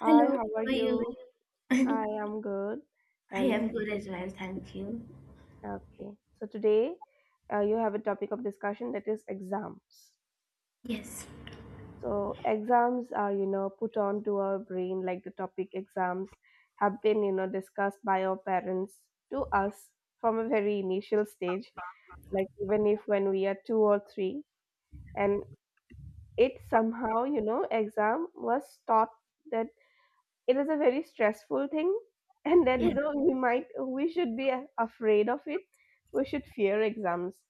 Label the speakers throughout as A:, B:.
A: Hi,
B: Hello,
A: how are
B: how are
A: you?
B: you?
A: Hi, I'm good.
B: I
A: And
B: am good as well, thank you.
A: okay, so today, you have a topic of discussion that is exams.
B: Yes,
A: So exams are, put onto our brain. Like, the topic exams have been, discussed by our parents to us from a very initial stage, like even if when we are two or three, and it somehow, exam was taught that it is a very stressful thing, and that
B: yeah,
A: you know we might we should be afraid of it. We should fear exams.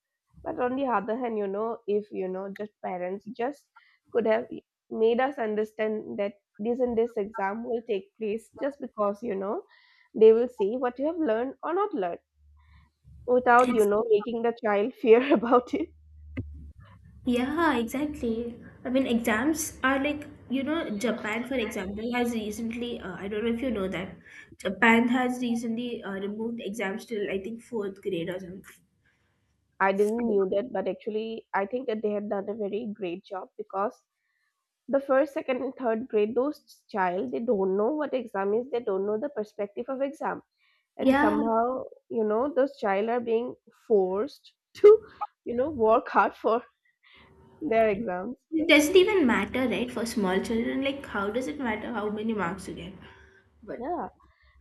A: But on the other hand, you know if you know just parents just could have made us understand that this and this exam will take place just because, they will see what you have learned or not learned, without
B: it's
A: making the child fear about it.
B: yeah, exactly. I mean, exams are like Japan, for example, has recently. I don't know if you know that Japan has recently removed exams till I think fourth grade or something.
A: I didn't knew that, but actually I think that they had done a very great job, because the first, second, and third grade, those child, they don't know what exam is, they don't know the perspective of exam. And yeah,
B: Yeah,
A: somehow, those child are being forced to, work hard for their exams.
B: it doesn't even matter, right? For small children, like how does it matter how many marks you get? But
A: Yeah,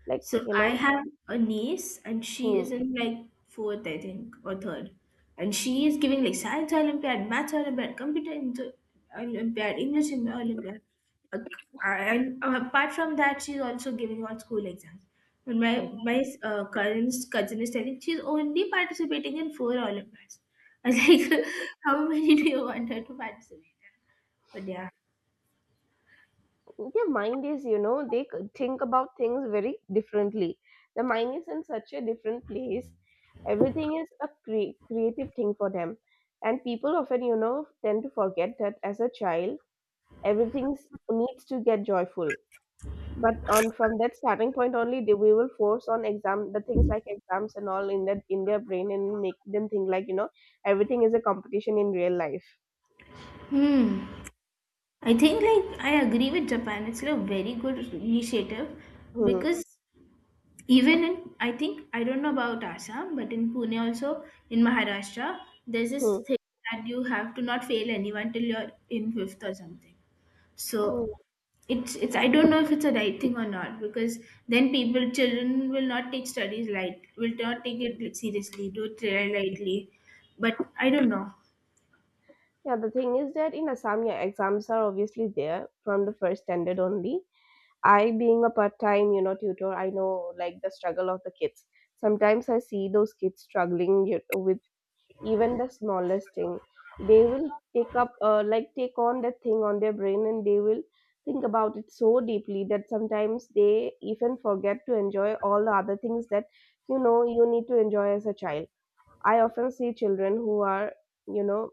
A: like
B: So
A: you
B: I
A: know
B: have a niece, and she
A: Hmm,
B: is in like fourth, I think, or third, and she is giving like science Olympiad, math Olympiad, computer Olympiad, English Olympiad, Uh, and apart from that, she's also giving all school exams. And my
A: hmm.
B: my uh, cousin's cousin is telling she's only participating in four Olympiads. I was like, how many do you want her to participate? But yeah.
A: Their mind is, they think about things very differently. The mind is in such a different place. Everything is a creative thing for them, and people often, tend to forget that as a child, everything needs to get joyful. But on from that starting point only, we will force on exam, the things like exams and all, in that, in their brain, and make them think like, everything is a competition in real life.
B: Hmm. I think like I agree with Japan. It's like a very good initiative
A: Hmm.
B: because even in I think I don't know about Assam, but in Pune also in Maharashtra, there's this
A: Hmm.
B: thing that you have to not fail anyone till you're in fifth or something.
A: Hmm.
B: So it's I don't know if it's a right thing or not because then people children will not take studies light will not take it seriously, do it lightly. But I don't know.
A: Yeah, the thing is that in Assam, yeah, exams are obviously there from the first standard only. I, being a part-time, tutor, I know like the struggle of the kids. Sometimes I see those kids struggling with even the smallest thing. They will take up, like take on that thing on their brain, and they will think about it so deeply that sometimes they even forget to enjoy all the other things that, you need to enjoy as a child. I often see children who are, you know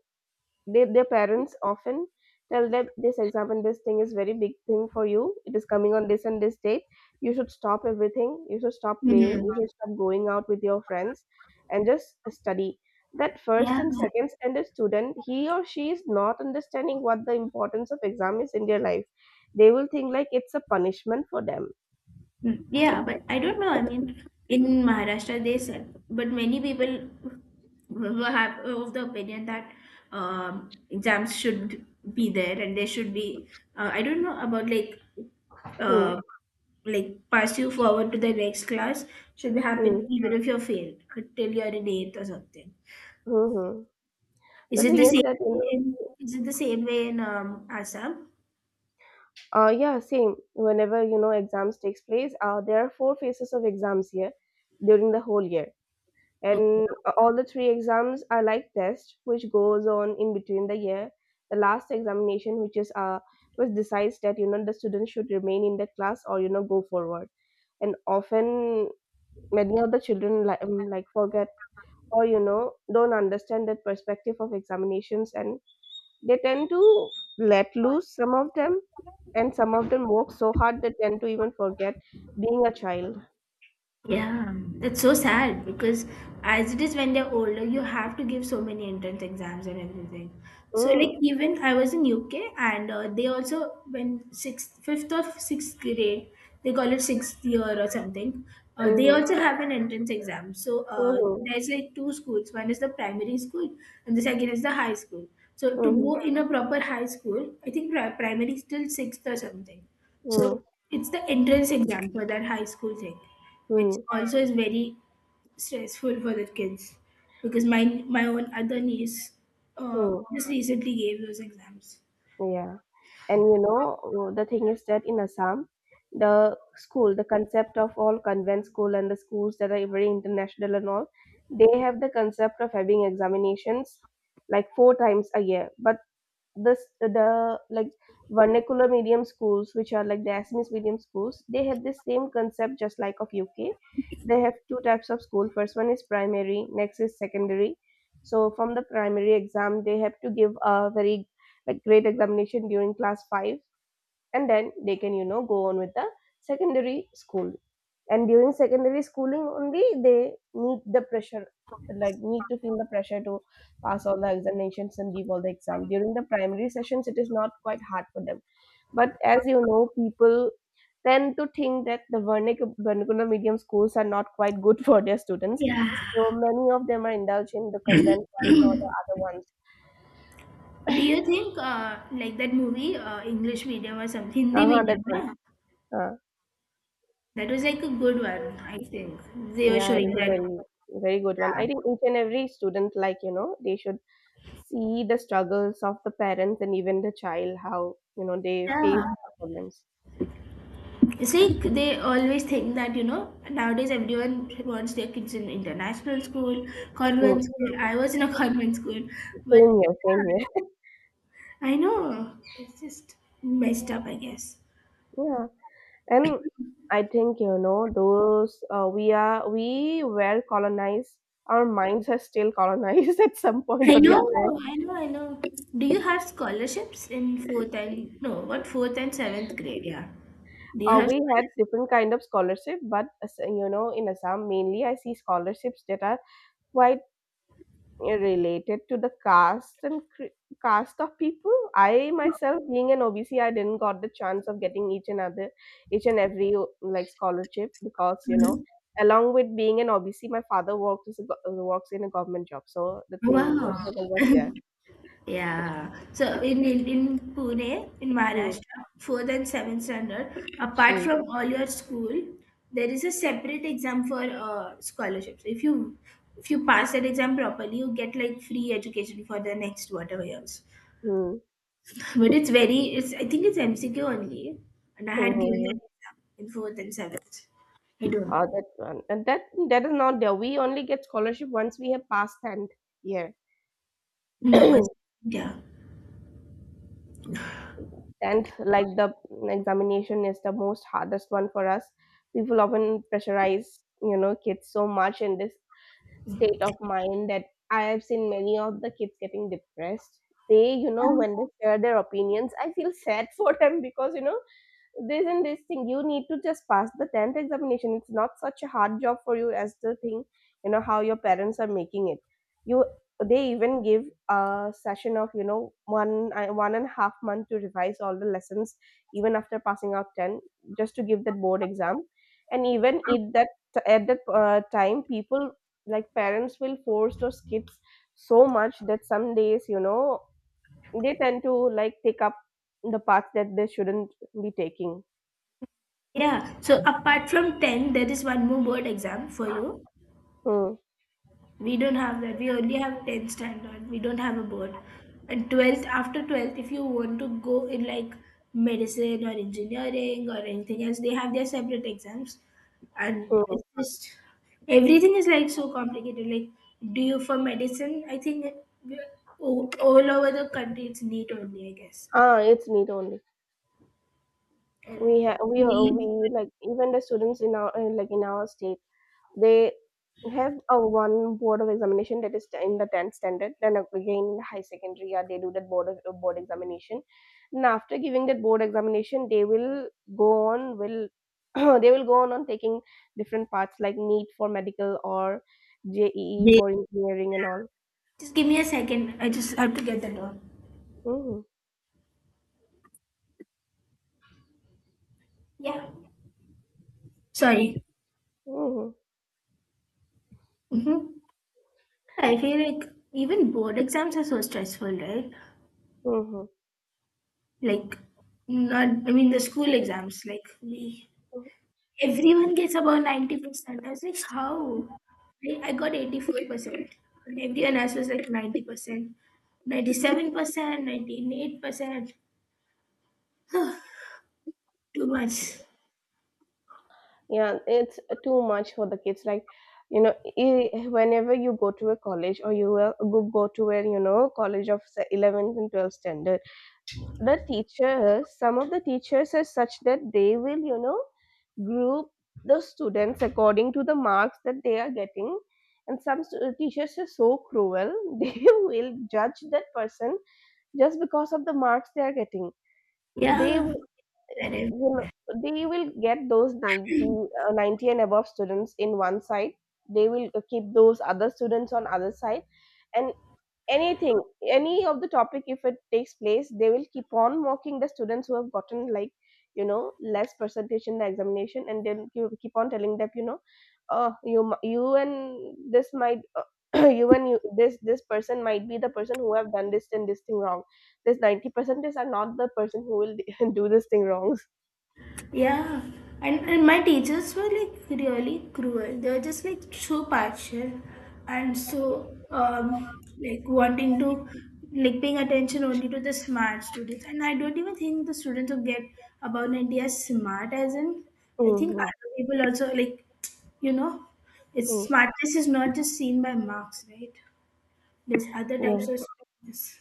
A: their parents often tell them, this exam and this thing is very big thing for you, it is coming on this and this date, you should stop everything, you should stop playing,
B: Hmm.
A: you should stop going out with your friends, and just study. That first
B: Yeah.
A: and second standard student, he or she is not understanding what the importance of exam is in their life. They will think like it's a punishment for them.
B: Mm, yeah, but I don't know. I mean, in Maharashtra, they sell, but many people who have of the opinion that exams should be there and they should be. I don't know about
A: Hmm.
B: uh, like pass you forward to the next class should be happen
A: Hmm.
B: even if you're failed till you're in eighth or something.
A: Hmm. Hmm.
B: Is
A: The
B: it
A: thing
B: the
A: is that, you
B: same?
A: know,
B: Is it the same way in Assam?
A: Yeah, same. Whenever, exams takes place, there are four phases of exams here during the whole year,
B: Okay.
A: and all the three exams are like test, which goes on in between the year. The last examination, which is which decides that, the student should remain in the class or, go forward. And often many of the children like, forget or, don't understand that perspective of examinations, and they tend to let loose, some of them, and some of them work so hard they tend to even forget being a child.
B: Yeah, that's so sad because as it is when they're older, you have to give so many entrance exams and everything. So
A: Mm.
B: like even I was in UK and they also when sixth, fifth or sixth grade, they call it sixth year or something. They
A: Mm-hmm.
B: also have an entrance exam. So
A: Mm-hmm.
B: there's like two schools. One is the primary school and the second is the high school. So to
A: Mm-hmm.
B: go in a proper high school, I think primary is till sixth or something. So it's the entrance exam for that high school thing, which
A: Mm-hmm.
B: also is very stressful for the kids because my own other niece
A: Mm-hmm.
B: just recently gave those exams.
A: Yeah, and, the thing is that in Assam, the school, the concept of all convent school and the schools that are very international and all, they have the concept of having examinations like four times a year. But this the like vernacular medium schools, which are like the Assamese medium schools, they have the same concept just like of UK. They have two types of school: first one is primary, next is secondary. So from the primary exam, they have to give a very like great examination during class 5, and then they can, go on with the secondary school. And during secondary schooling only, they need to feel the pressure to pass all the examinations and give all the exam. During the primary sessions, it is not quite hard for them. But as, people tend to think that the vernacular medium schools are not quite good for their students,
B: Yeah.
A: so many of them are indulged in the convent ones or the other ones.
B: Do you think like that movie English medium or something Hindi
A: Uh-huh, that
B: medium?
A: one.
B: Yeah?
A: uh,
B: That was like a good one. I think they were
A: yeah, it
B: showing
A: is a
B: that.
A: very, very good one. I think each and every student, like, they should see the struggles of the parents and even the child, how, they face
B: Yeah.
A: the problems.
B: See, they always think that, nowadays everyone wants their kids in international school,
A: Mm.
B: convent school. I was in a convent school, but
A: Same here, same
B: yeah,
A: here.
B: I know it's just messed up, I guess.
A: Yeah, and I think, you know those we are we were colonized. Our minds are still colonized at some point
B: I
A: or the
B: know,
A: other.
B: I know, I know. Do you have scholarships in fourth and no, what fourth and seventh grade? Yeah. Do you have
A: We had different kind of scholarship, but you know, in Assam mainly I see scholarships that are quite related to the caste and caste of people. I myself being an OBC, I didn't got the chance of getting each and every like scholarship, because, you
B: scholarships?
A: know,
B: Mhm.
A: along with being an OBC, my father works as a, works in a government job, so the thing, the
B: Wow.
A: struggle was there.
B: Yeah. So in Pune, in
A: Mm.
B: Maharashtra, fourth and seventh standard, apart
A: Mm.
B: from all your school, there is a separate exam for scholarships. If you pass that exam properly, you get like free education for the next whatever years.
A: Mm.
B: But it's very it's I think it's MCQ only, and I
A: Mm.
B: had given
A: Mm.
B: that exam in fourth and seventh. I don't know.
A: That one and that that is not there. We only get scholarship once we have passed tenth year.
B: No, yeah.
A: Tenth like, the examination is the most hardest one for us. People often pressurize, kids so much, in this state of mind that I have seen many of the kids getting depressed. They, when they share their opinions, I feel sad for them, because, you know, this and this thing, you need to just pass the 10th examination. It's not such a hard job for you as the thing, you know, how your parents are making it. You they even give a session of, 1.5 months to revise all the lessons, even after passing out 10, just to give that board exam. And even at that time, people, like parents, will force those kids so much that some days, you know, they tend to like take up the path that they shouldn't be taking.
B: Yeah. So apart from 10, there is one more board exam for you.
A: Mm.
B: We don't have that. We only have 10th standard. We don't have a board. And 12th, after 12th, if you want to go in like medicine or engineering or anything else, they have their separate exams. And
A: Mm.
B: it's just everything is like so complicated. Like, do you for medicine? I think all over the country it's neat only, I guess.
A: Ah, it's need only. We
B: And
A: have we are we
B: we,
A: Like, even the students in our, like in our state, they have a one board of examination, that is in the tenth standard. Then again in high secondary, yeah, they do that board of, board examination. And after giving that board examination, they will go on will they will go on taking different paths like NEET for medical or JEE
B: they,
A: for engineering and all.
B: just give me a second. I just have to get the door.
A: Mm-hmm.
B: Yeah. Sorry.
A: Mm-hmm.
B: Mm-hmm. I feel like even board exams are so stressful, right?
A: Mm-hmm.
B: Like, not, I mean, the school exams, like, everyone gets about 90%. I was like, how? I got 84%, and everyone else was like 90%, 97%, 98%, too much.
A: Yeah, it's too much for the kids. Like, you know, whenever you go to a college, or you will go to a, you know, college of, say, 11th and 12th standard, the teachers, some of the teachers are such that they will, you know, group the students according to the marks that they are getting. And some teachers are so cruel, they will judge that person just because of the marks they are getting. They,
B: Yeah,
A: you know, they will get those 90 and above students in one side. They will, keep those other students on other side. And anything, any of the topic if it takes place, they will keep on mocking the students who have gotten like, you know, less percentage in the examination. And then you keep on telling them, you know, you and this might, you and you, this person might be the person who have done this and this thing wrong. This 90% are not the person who will do this thing wrong.
B: yeah, and my teachers were like really cruel. They were just like so partial and so like wanting to like paying attention only to the smart students. And I don't even think the students who get about India as smart as in I think
A: Mhm.
B: other people also like you know it's
A: Mm.
B: smartness is not just seen by marks, right? There's other
A: Yeah.
B: types of smartness.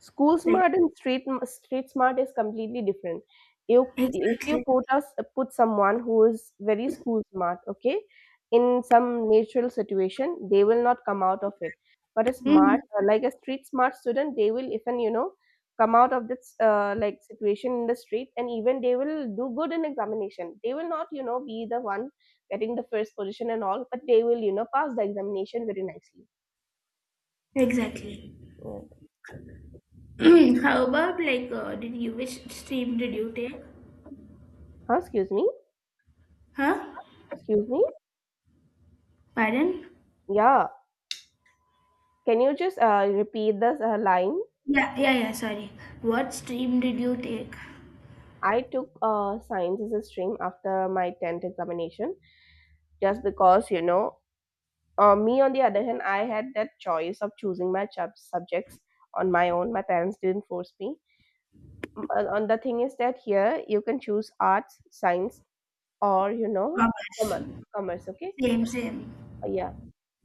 A: School
B: Like,
A: smart and street smart is completely different. You if you
B: exactly.
A: put us Put someone who is very school smart, okay, in some natural situation, they will not come out of it. But a
B: Mm,
A: smart, like a street smart student, they will even, you know, come out of this, like situation in the street, and even they will do good in examination. They will not, you know, be the one getting the first position and all, but they will, you know, pass the examination very nicely.
B: exactly.
A: Yeah.
B: How about like did you which stream did you take?
A: Huh, excuse me.
B: Huh?
A: Excuse me.
B: Pardon?
A: Yeah. Can you just, repeat the, line?
B: Yeah, yeah, yeah, sorry. What stream did you take?
A: I took, science as a stream after my 10th examination, just because, you know, me on the other hand, I had that choice of choosing my subjects on my own. My parents didn't force me. And the thing is that here you can choose arts, science, or, you know,
B: Commerce.
A: commerce. Commerce, okay?
B: Same, same.
A: Yeah.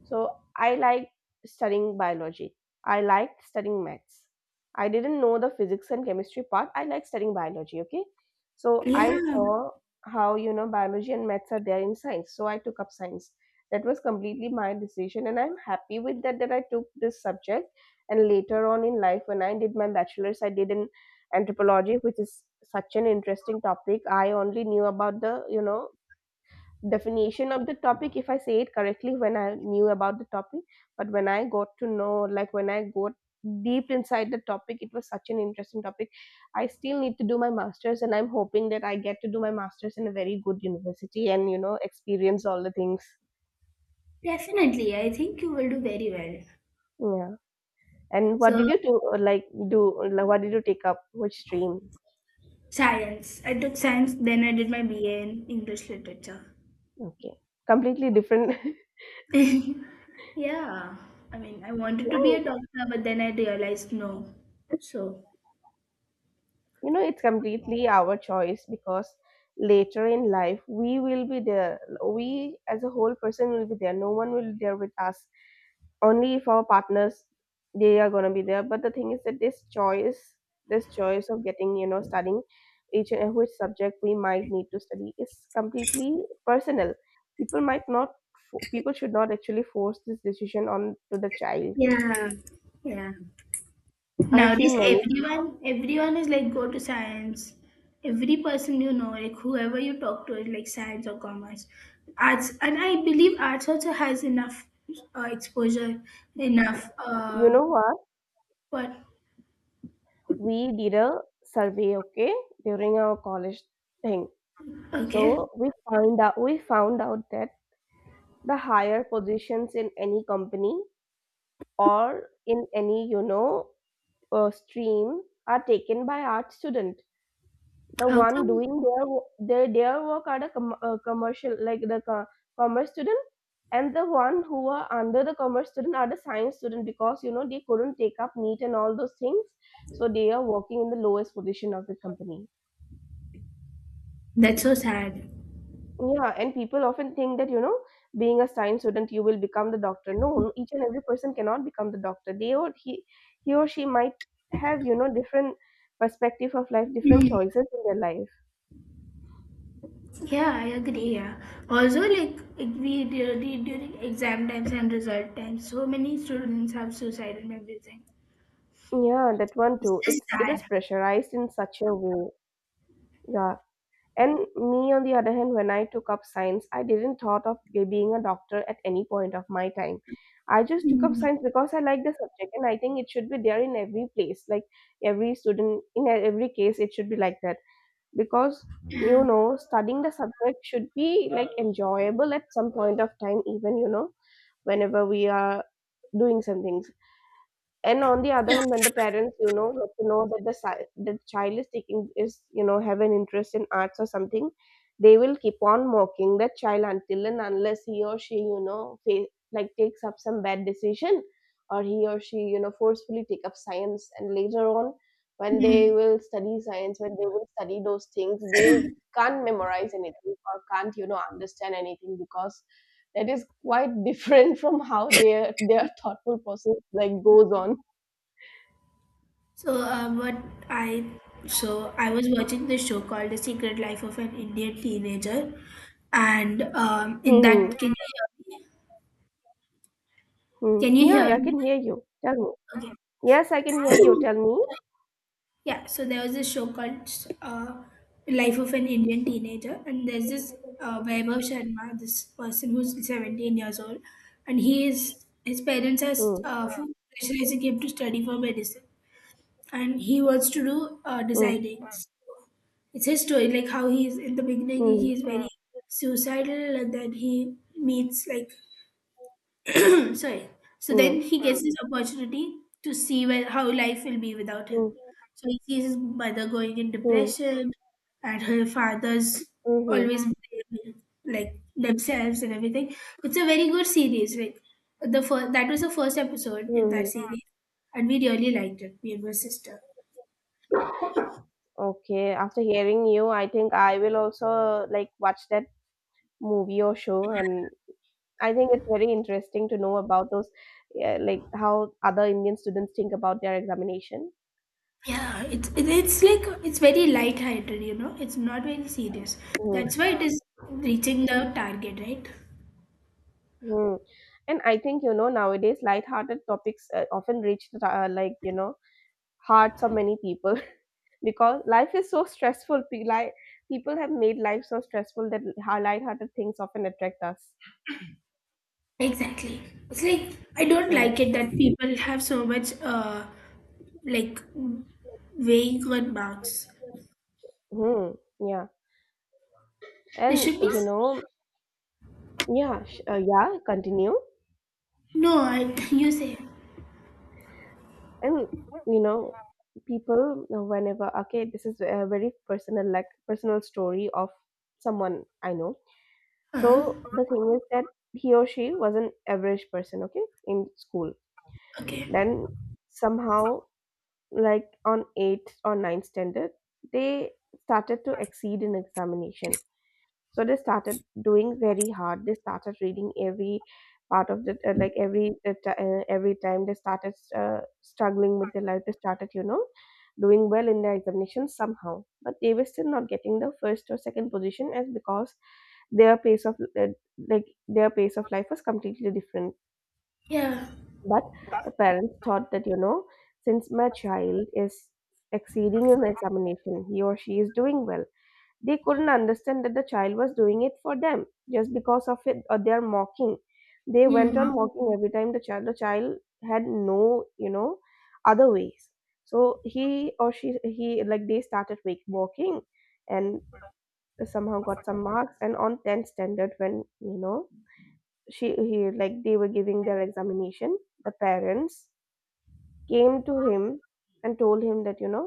A: So I liked studying biology. I liked studying maths. I didn't know the physics and chemistry part. I liked studying biology, okay? So I
B: Yeah,
A: saw how biology and maths are there in science. So I took up science. That was completely my decision and I'm happy with that that I took this subject. And later on in life when I did my bachelor's, I did in anthropology, which is such an interesting topic. I only knew about the definition of the topic if I say it correctly when I knew about the topic, but when I got to know, like when I got deep inside the topic, it was such an interesting topic. I still need to do my masters and I'm hoping that I get to do my masters in a very good university and, you know, experience all the things.
B: definitely. I think you will do very well.
A: Yeah. And what
B: So,
A: did you do, like do like, what did you take up, which stream.
B: science. I took science, then I did my BA in English literature.
A: Okay, completely different.
B: Yeah. I mean, I wanted to be a doctor, but then I realized no. So,
A: You know, it's completely our choice, because later in life we will be there. We as a whole person will be there. No one will be there with us, only if our partners, they are going to be there. But the thing is that this choice, this choice of getting, you know, studying each and which subject we might need to study is completely personal. People might not people should not actually force this decision on to the child.
B: yeah, yeah.
A: I've
B: Nowadays,
A: seen many.
B: everyone is like go to science. Every person you know, like whoever you talk to, is like science or commerce, arts, and I believe arts also has enough exposure, enough.
A: You
B: Uh,
A: know what,
B: but
A: we did a survey, okay, during our college thing.
B: okay,
A: So we find out we found out that the higher positions in any company or in any, you know, stream are taken by art student. The
B: how
A: one
B: come?
A: doing their their work are the commercial, like the commerce student, and the one who are under the commerce student are the science student, because you know, they couldn't take up neat and all those things, so they are working in the lowest position of the company.
B: That's so sad.
A: Yeah, and people often think that, you know, being a science student, you will become the doctor. No, no, each and every person cannot become the doctor. They or he or she might have, you know, different perspective of life, different choices in their life.
B: Yeah, I agree. Yeah. Also, like we during exam times and result times, so many students have suicide and everything.
A: Yeah, that one
B: It's
A: too.
B: just
A: It is
B: sad.
A: pressurized in such a way. Yeah. And me, on the other hand, when I took up science, I didn't thought of being a doctor at any point of my time. I just took up science because I like the subject, and I think it should be there in every place. Like every student, in every case, it should be like that, because you know, studying the subject should be like enjoyable at some point of time, even you know, whenever we are doing something. And on the other hand, when the parents, you know, get to know that the child is taking, is you know, have an interest in arts or something, they will keep on mocking that child until and unless he or she you know like takes up some bad decision, or he or she you know forcefully take up science. And later on, when they
B: Yeah.
A: will study science, when they will study those things, they can't memorize anything or can't you know understand anything because that is quite different from how their thoughtful process like goes on.
B: So what I so I was watching this show called The Secret Life of an Indian Teenager, and in
A: Mhm,
B: that can you hear me?
A: mhm.
B: Can you hear
A: Yeah, I
B: me?
A: can hear you. Tell me.
B: Okay.
A: Yes, I can hear you. Tell me.
B: Yeah. So there was this show called uh, Life of an Indian Teenager, and there's this Vaibhav Sharma, this person who's 17 years old, and he is his parents are
A: Hmm.
B: pressurizing him to study for medicine, and he wants to do
A: Hmm.
B: designing. It's his story, like how he's in the beginning.
A: Hmm.
B: He is very suicidal, and then he meets like sorry, so
A: Hmm.
B: then he gets this opportunity to see where how life will be without him.
A: Hmm.
B: So he sees his mother going in
A: Mm,
B: depression, and her father's
A: mhm,
B: always blaming, like, themselves and everything. It's a very good series, like the first that was the first episode in that
A: mhm.
B: series. And we really liked it, me and my sister.
A: Okay, after hearing you, I think I will also like watch that movie or show, and I think it's very interesting to know about those, yeah, like how other Indian students think about their examination.
B: Yeah, it's like it's very light-hearted. It's not very serious.
A: Mm,
B: That's why it is reaching the target, right?
A: mm. And I think you know, nowadays light-hearted topics often reach the like you know, hearts of many people. Because life is so stressful. People have made life so stressful that lighthearted things often attract us.
B: Exactly. It's like I don't
A: Mm.
B: like it that people have so much like weighing on marks.
A: Hmm. Yeah.
B: There
A: And
B: should be
A: you know, yeah, yeah. Continue.
B: no. I you say.
A: And you know, people whenever, okay, this is a very personal, like personal story of someone I know. So
B: Uh-huh.
A: the thing is that he or she was an average person, okay, in school.
B: Okay.
A: Then somehow, like on 8th or 9th standard, they started to exceed in examination, so they started doing very hard, they started reading every part of the like every every time, they started struggling with their life, they started you know doing well in their examination somehow, but they were still not getting the first or second position as because their pace of like their pace of life was completely different.
B: Yeah.
A: But the parents thought that, you know, since my child is exceeding in examination, he or she is doing well. They couldn't understand that the child was doing it for them just because of it or their mocking. They went on mocking every time. The child had no, you know, other ways. So he or she, he like they started make walking and somehow got some marks, and on 10th standard when you know, she he like they were giving their examination, the parents came to him and told him that, you know,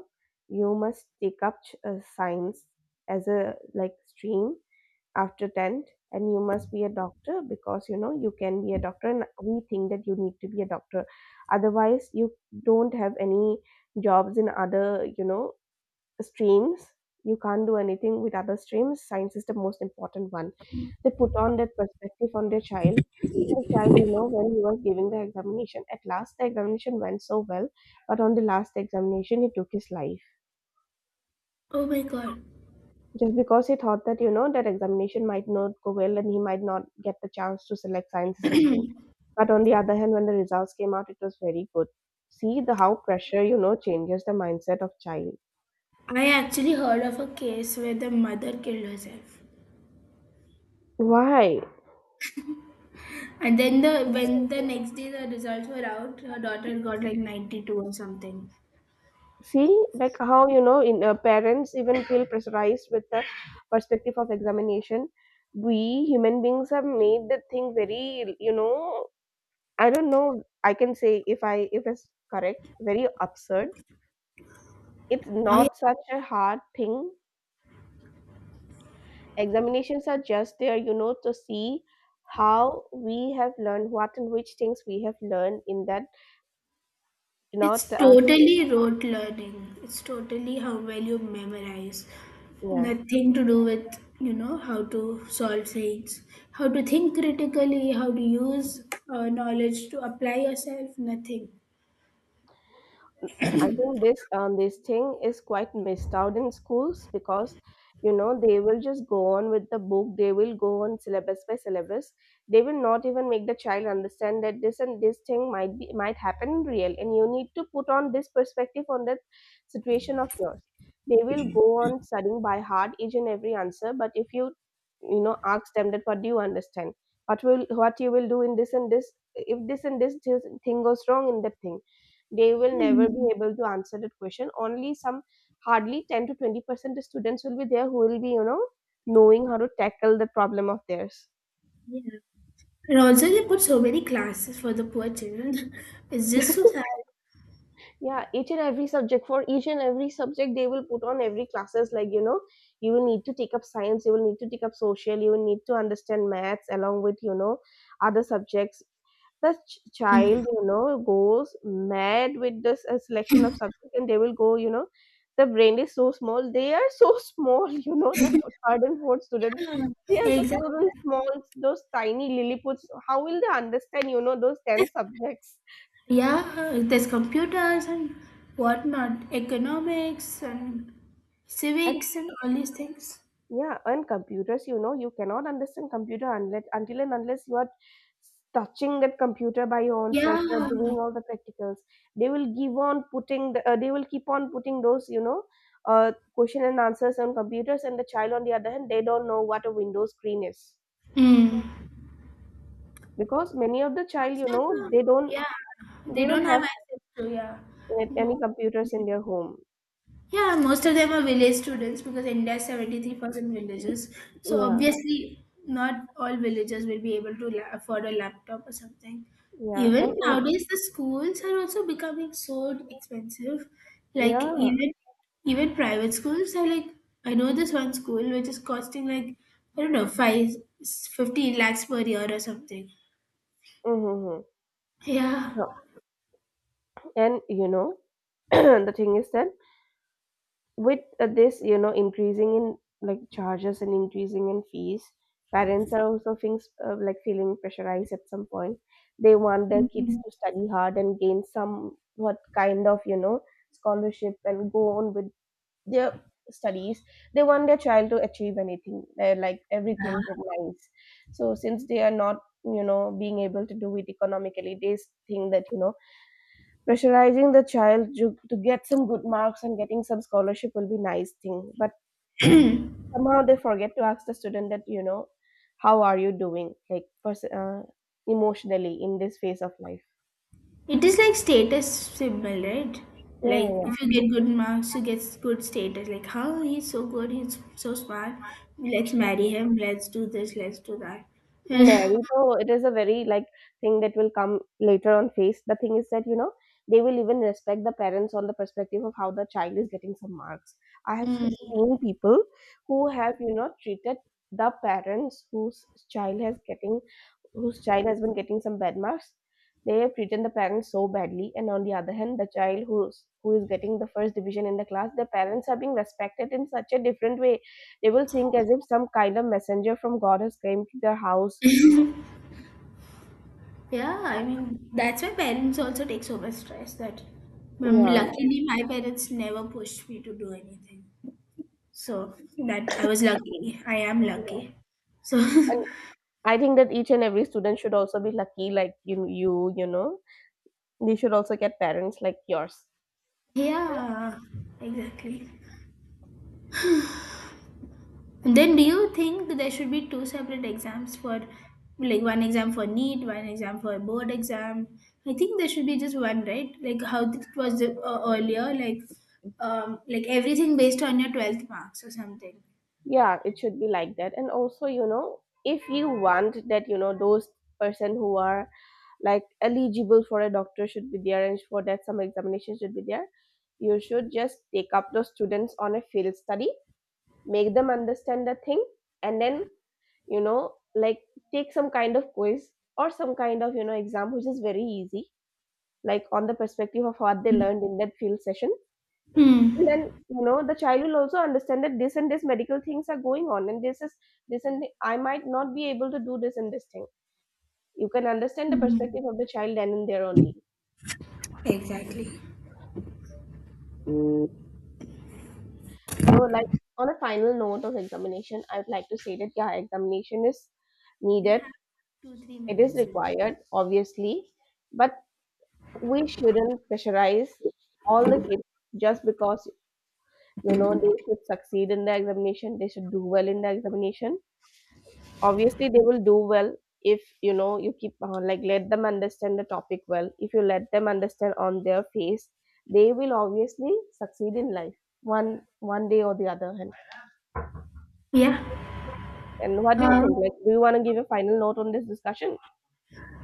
A: you must take up science as a like stream after 10th, and you must be a doctor, because you know, you can be a doctor and we think that you need to be a doctor. Otherwise you don't have any jobs in other, you know, streams. You can't do anything with other streams. Science is the most important one. They put on that perspective on their child. The child you know, when he was giving the examination, at last the examination went so well, but on the last examination he took his life,
B: Oh my God.
A: just because he thought that you know, that examination might not go well and he might not get the chance to select science as a stream. But on the other hand, when the results came out, it was very good. See the, how pressure you know, changes the mindset of child.
B: I actually heard of a case where the mother killed herself.
A: Why?
B: And then the when the next day the results were out, her daughter got like 92 or something.
A: See like how you know, in parents even feel pressurized with the perspective of examination. We human beings have made the thing very you know, I don't know, I can say if I if it's correct, very absurd. It's
B: Oh, yeah.
A: not such a hard thing. Examinations are just there, you know, to see how we have learned what and which things we have learned in that, not
B: It's
A: space.
B: totally rote learning. It's totally how well you memorize. Nothing to do
A: Yeah.
B: with, how to solve things, how to think critically, how to use knowledge to apply yourself, nothing.
A: I think this this thing is quite missed out in schools, because you know they will just go on with the book. They will go on syllabus by syllabus. They will not even make the child understand that this and this thing might be, might happen in real, and you need to put on this perspective on that situation of yours. They will go on studying by heart each and every answer, but if you you know, ask them that what do you understand, what you will do in this and this, if this and this, this thing goes wrong in that thing, they will never
B: Hmm.
A: be able to answer that question. Only some, hardly 10 to 20% students will be there who will be you know, knowing how to tackle the problem of theirs.
B: Yeah. And also, they put so many classes for the poor children. It's just so sad.
A: Yeah, each and every subject, for each and every subject they will put on every classes, like you know, you will need to take up science, you will need to take up social, you will need to understand maths along with you know, other subjects. Child you know, goes mad with this selection of subjects, and they will go you know, the brain is so small, they are so small, you know, the third and fourth students,
B: Yeah.
A: they are so cute
B: Exactly.
A: and small. Those tiny lilliputs, how will they understand you know, those 10 subjects.
B: Yeah, there's computers and whatnot, economics and
A: And
B: civics and all these things.
A: yeah, and computers, you know, you cannot understand computer unless, until and unless you are touching that computer by your own self,
B: Yeah.
A: you are doing all the practicals. They will give on putting they will keep on putting those, you know, question and answers on computers, and the child on the other hand, they don't know what a Windows screen is,
B: Mm.
A: because many of the child,
B: Most
A: you
B: of
A: know,
B: the
A: they don't,
B: yeah, they
A: they don't
B: don't have
A: have
B: access to yeah.
A: any
B: Mo-
A: computers in their home.
B: Yeah, most of them are village students because India is 73% villages. So
A: Yeah,
B: obviously, not all villagers will be able to afford a laptop or something.
A: yeah,
B: Even
A: and
B: nowadays, the schools are also becoming so expensive. Like
A: yeah,
B: even private schools are like I know this one school which is costing like I don't know five fifteen lakhs per year or something.
A: mm-hmm, mm-hmm.
B: Yeah.
A: So, and you know, the thing is that. With this increasing in like charges and increasing in fees, parents are also things like feeling pressurized at some point. They want their kids
B: Mhm.
A: to study hard and gain some what kind of you know scholarship and go on with their studies. They want their child to achieve anything they like, everything with nice. So since they are not, you know, being able to do it economically, they think that, you know, pressurizing the child to get some good marks and getting some scholarship will be nice thing. But somehow they forget to ask the student that, you know, how are you doing like emotionally in this phase of life.
B: It is like status symbol, right? Like
A: Yeah.
B: if you get good marks, you get good status. Like how he's so good, he's so smart. Let's
A: Yeah.
B: marry him. Let's do this. Let's do that.
A: Married though, it is a very like thing that will come later on face. The thing is that, you know, they will even respect the parents on the perspective of how the child is getting some marks. I have
B: Mm.
A: seen people who have, you know, treated the parents whose child has getting, whose child has been getting some bad marks, they have treated the parents so badly. And on the other hand, the child who is getting the first division in the class, their parents are being respected in such a different way. They will think as if some kind of messenger from God has came to their house.
B: Yeah, I mean that's why parents also take so much stress. That
A: Yeah.
B: luckily my parents never pushed me to do anything. So that I was lucky. I am
A: Yeah.
B: lucky. So
A: And I think that each and every student should also be lucky, like you, they should also get parents like yours.
B: yeah, exactly. Then do you think that there should be two separate exams for like one exam for NEET, one exam for board exam? I think there should be just one, right? Like how it was earlier, like everything based on your 12th marks or something.
A: Yeah, it should be like that. And also, you know, if you want that, you know, those person who are like eligible for a doctor should be there, and for that some examination should be there. You should just take up those students on a field study, make them understand the thing, and then, you know, like take some kind of quiz or some kind of, you know, exam which is very easy, like on the perspective of what they learned in that field session.
B: Hmm.
A: And then, you know, the child will also understand that this and this medical things are going on, and this is this and I might not be able to do this and this thing. You can understand the
B: Mhm.
A: perspective of the child then and there only.
B: Exactly.
A: So, like on a final note of examination, I would like to say that yeah, examination is
B: We
A: needed.
B: have two three
A: It is
B: minutes. left.
A: required, obviously, but we shouldn't pressurize all the kids just because, you know, they should succeed in the examination. They should do well in the examination. Obviously they will do well if, you know, you keep like let them understand the topic well. If you let them understand on their face, they will obviously succeed in life one day or the other hand.
B: Yeah.
A: And what do you
B: Um,
A: think, like do you want to give a final note on this discussion?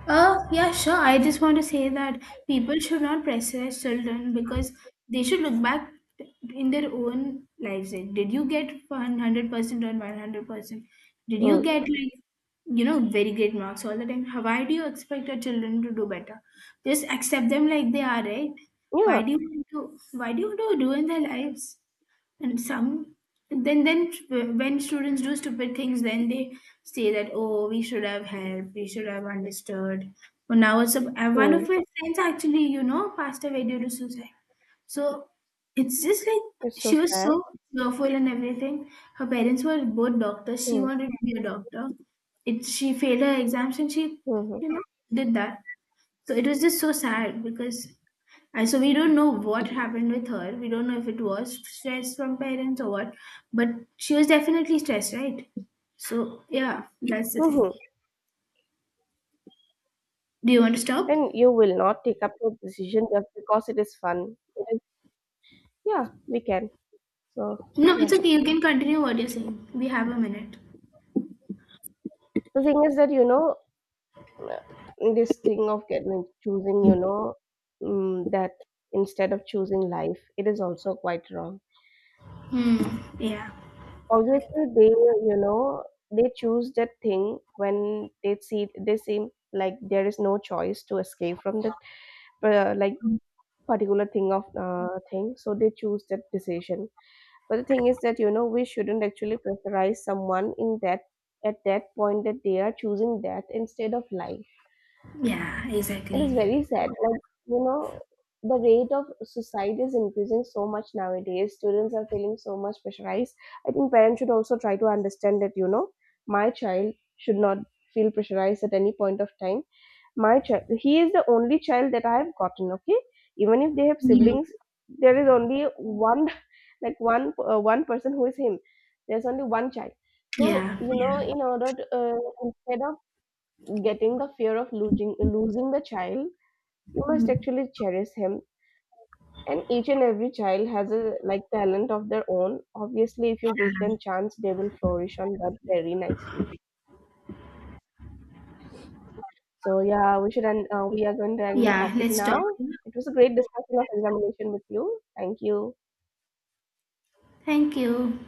B: yeah, sure. I just want to say that people should not pressurize children because they should look back in their own lives. Like, did you get 100% or 100%? Did you
A: Mm.
B: get, like, very great marks all the time? Why do you expect your children to do better? Just accept them like they are, right? Why
A: Yeah.
B: do you want to, why do you want to ruin their lives? And some then when students do stupid things, then they say that oh, we should have helped, we should have understood, but now one of
A: Mm.
B: my friends actually passed away due to suicide. So it's just like
A: It's so
B: she was
A: sad.
B: so cheerful and everything. Her parents were both doctors. She
A: Mm.
B: wanted to be a doctor. It She failed her exams, and she
A: Hmm.
B: you know did that. So it was just so sad, because and so we don't know what happened with her. We don't know if it was stress from parents or what, but she was definitely stressed, right? So yeah, that's the thing.
A: Hmm.
B: Do you want to stop?
A: And you will not take up your decision just because it is fun. It is— Yeah, we can. So,
B: No,
A: yeah.
B: it's okay. You can continue what you're saying. We have a minute.
A: The thing is that, you know, this thing of getting like, choosing, you know, mm, that instead of choosing life, it is also quite wrong.
B: Hmm. Yeah.
A: Obviously they, you know, they choose that thing when they see, they seem like there is no choice to escape from that, like particular thing of thing, so they choose that decision. But the thing is that, you know, we shouldn't actually pressurize someone in that, at that point that they are choosing that instead of life.
B: Yeah.
A: It
B: Exactly.
A: is very sad. Like, you know, the rate of suicide is increasing so much nowadays. Students are feeling so much pressurized. I think parents should also try to understand that, you know, my child should not feel pressurized at any point of time. My child, he is the only child that I have gotten, okay? Even if they have siblings, there is only one, like one, one person who is him. There's only one child. So,
B: Yeah.
A: you know, in order to, instead of getting the fear of losing the child, you must actually cherish him. And each and every child has a like talent of their own. Obviously, if you give them chance, they will flourish on that very nicely. So yeah, we should end, we are going to end the
B: Yeah.
A: topic
B: Let's stop.
A: now. It was a great discussion of examination with you. Thank you.
B: Thank you.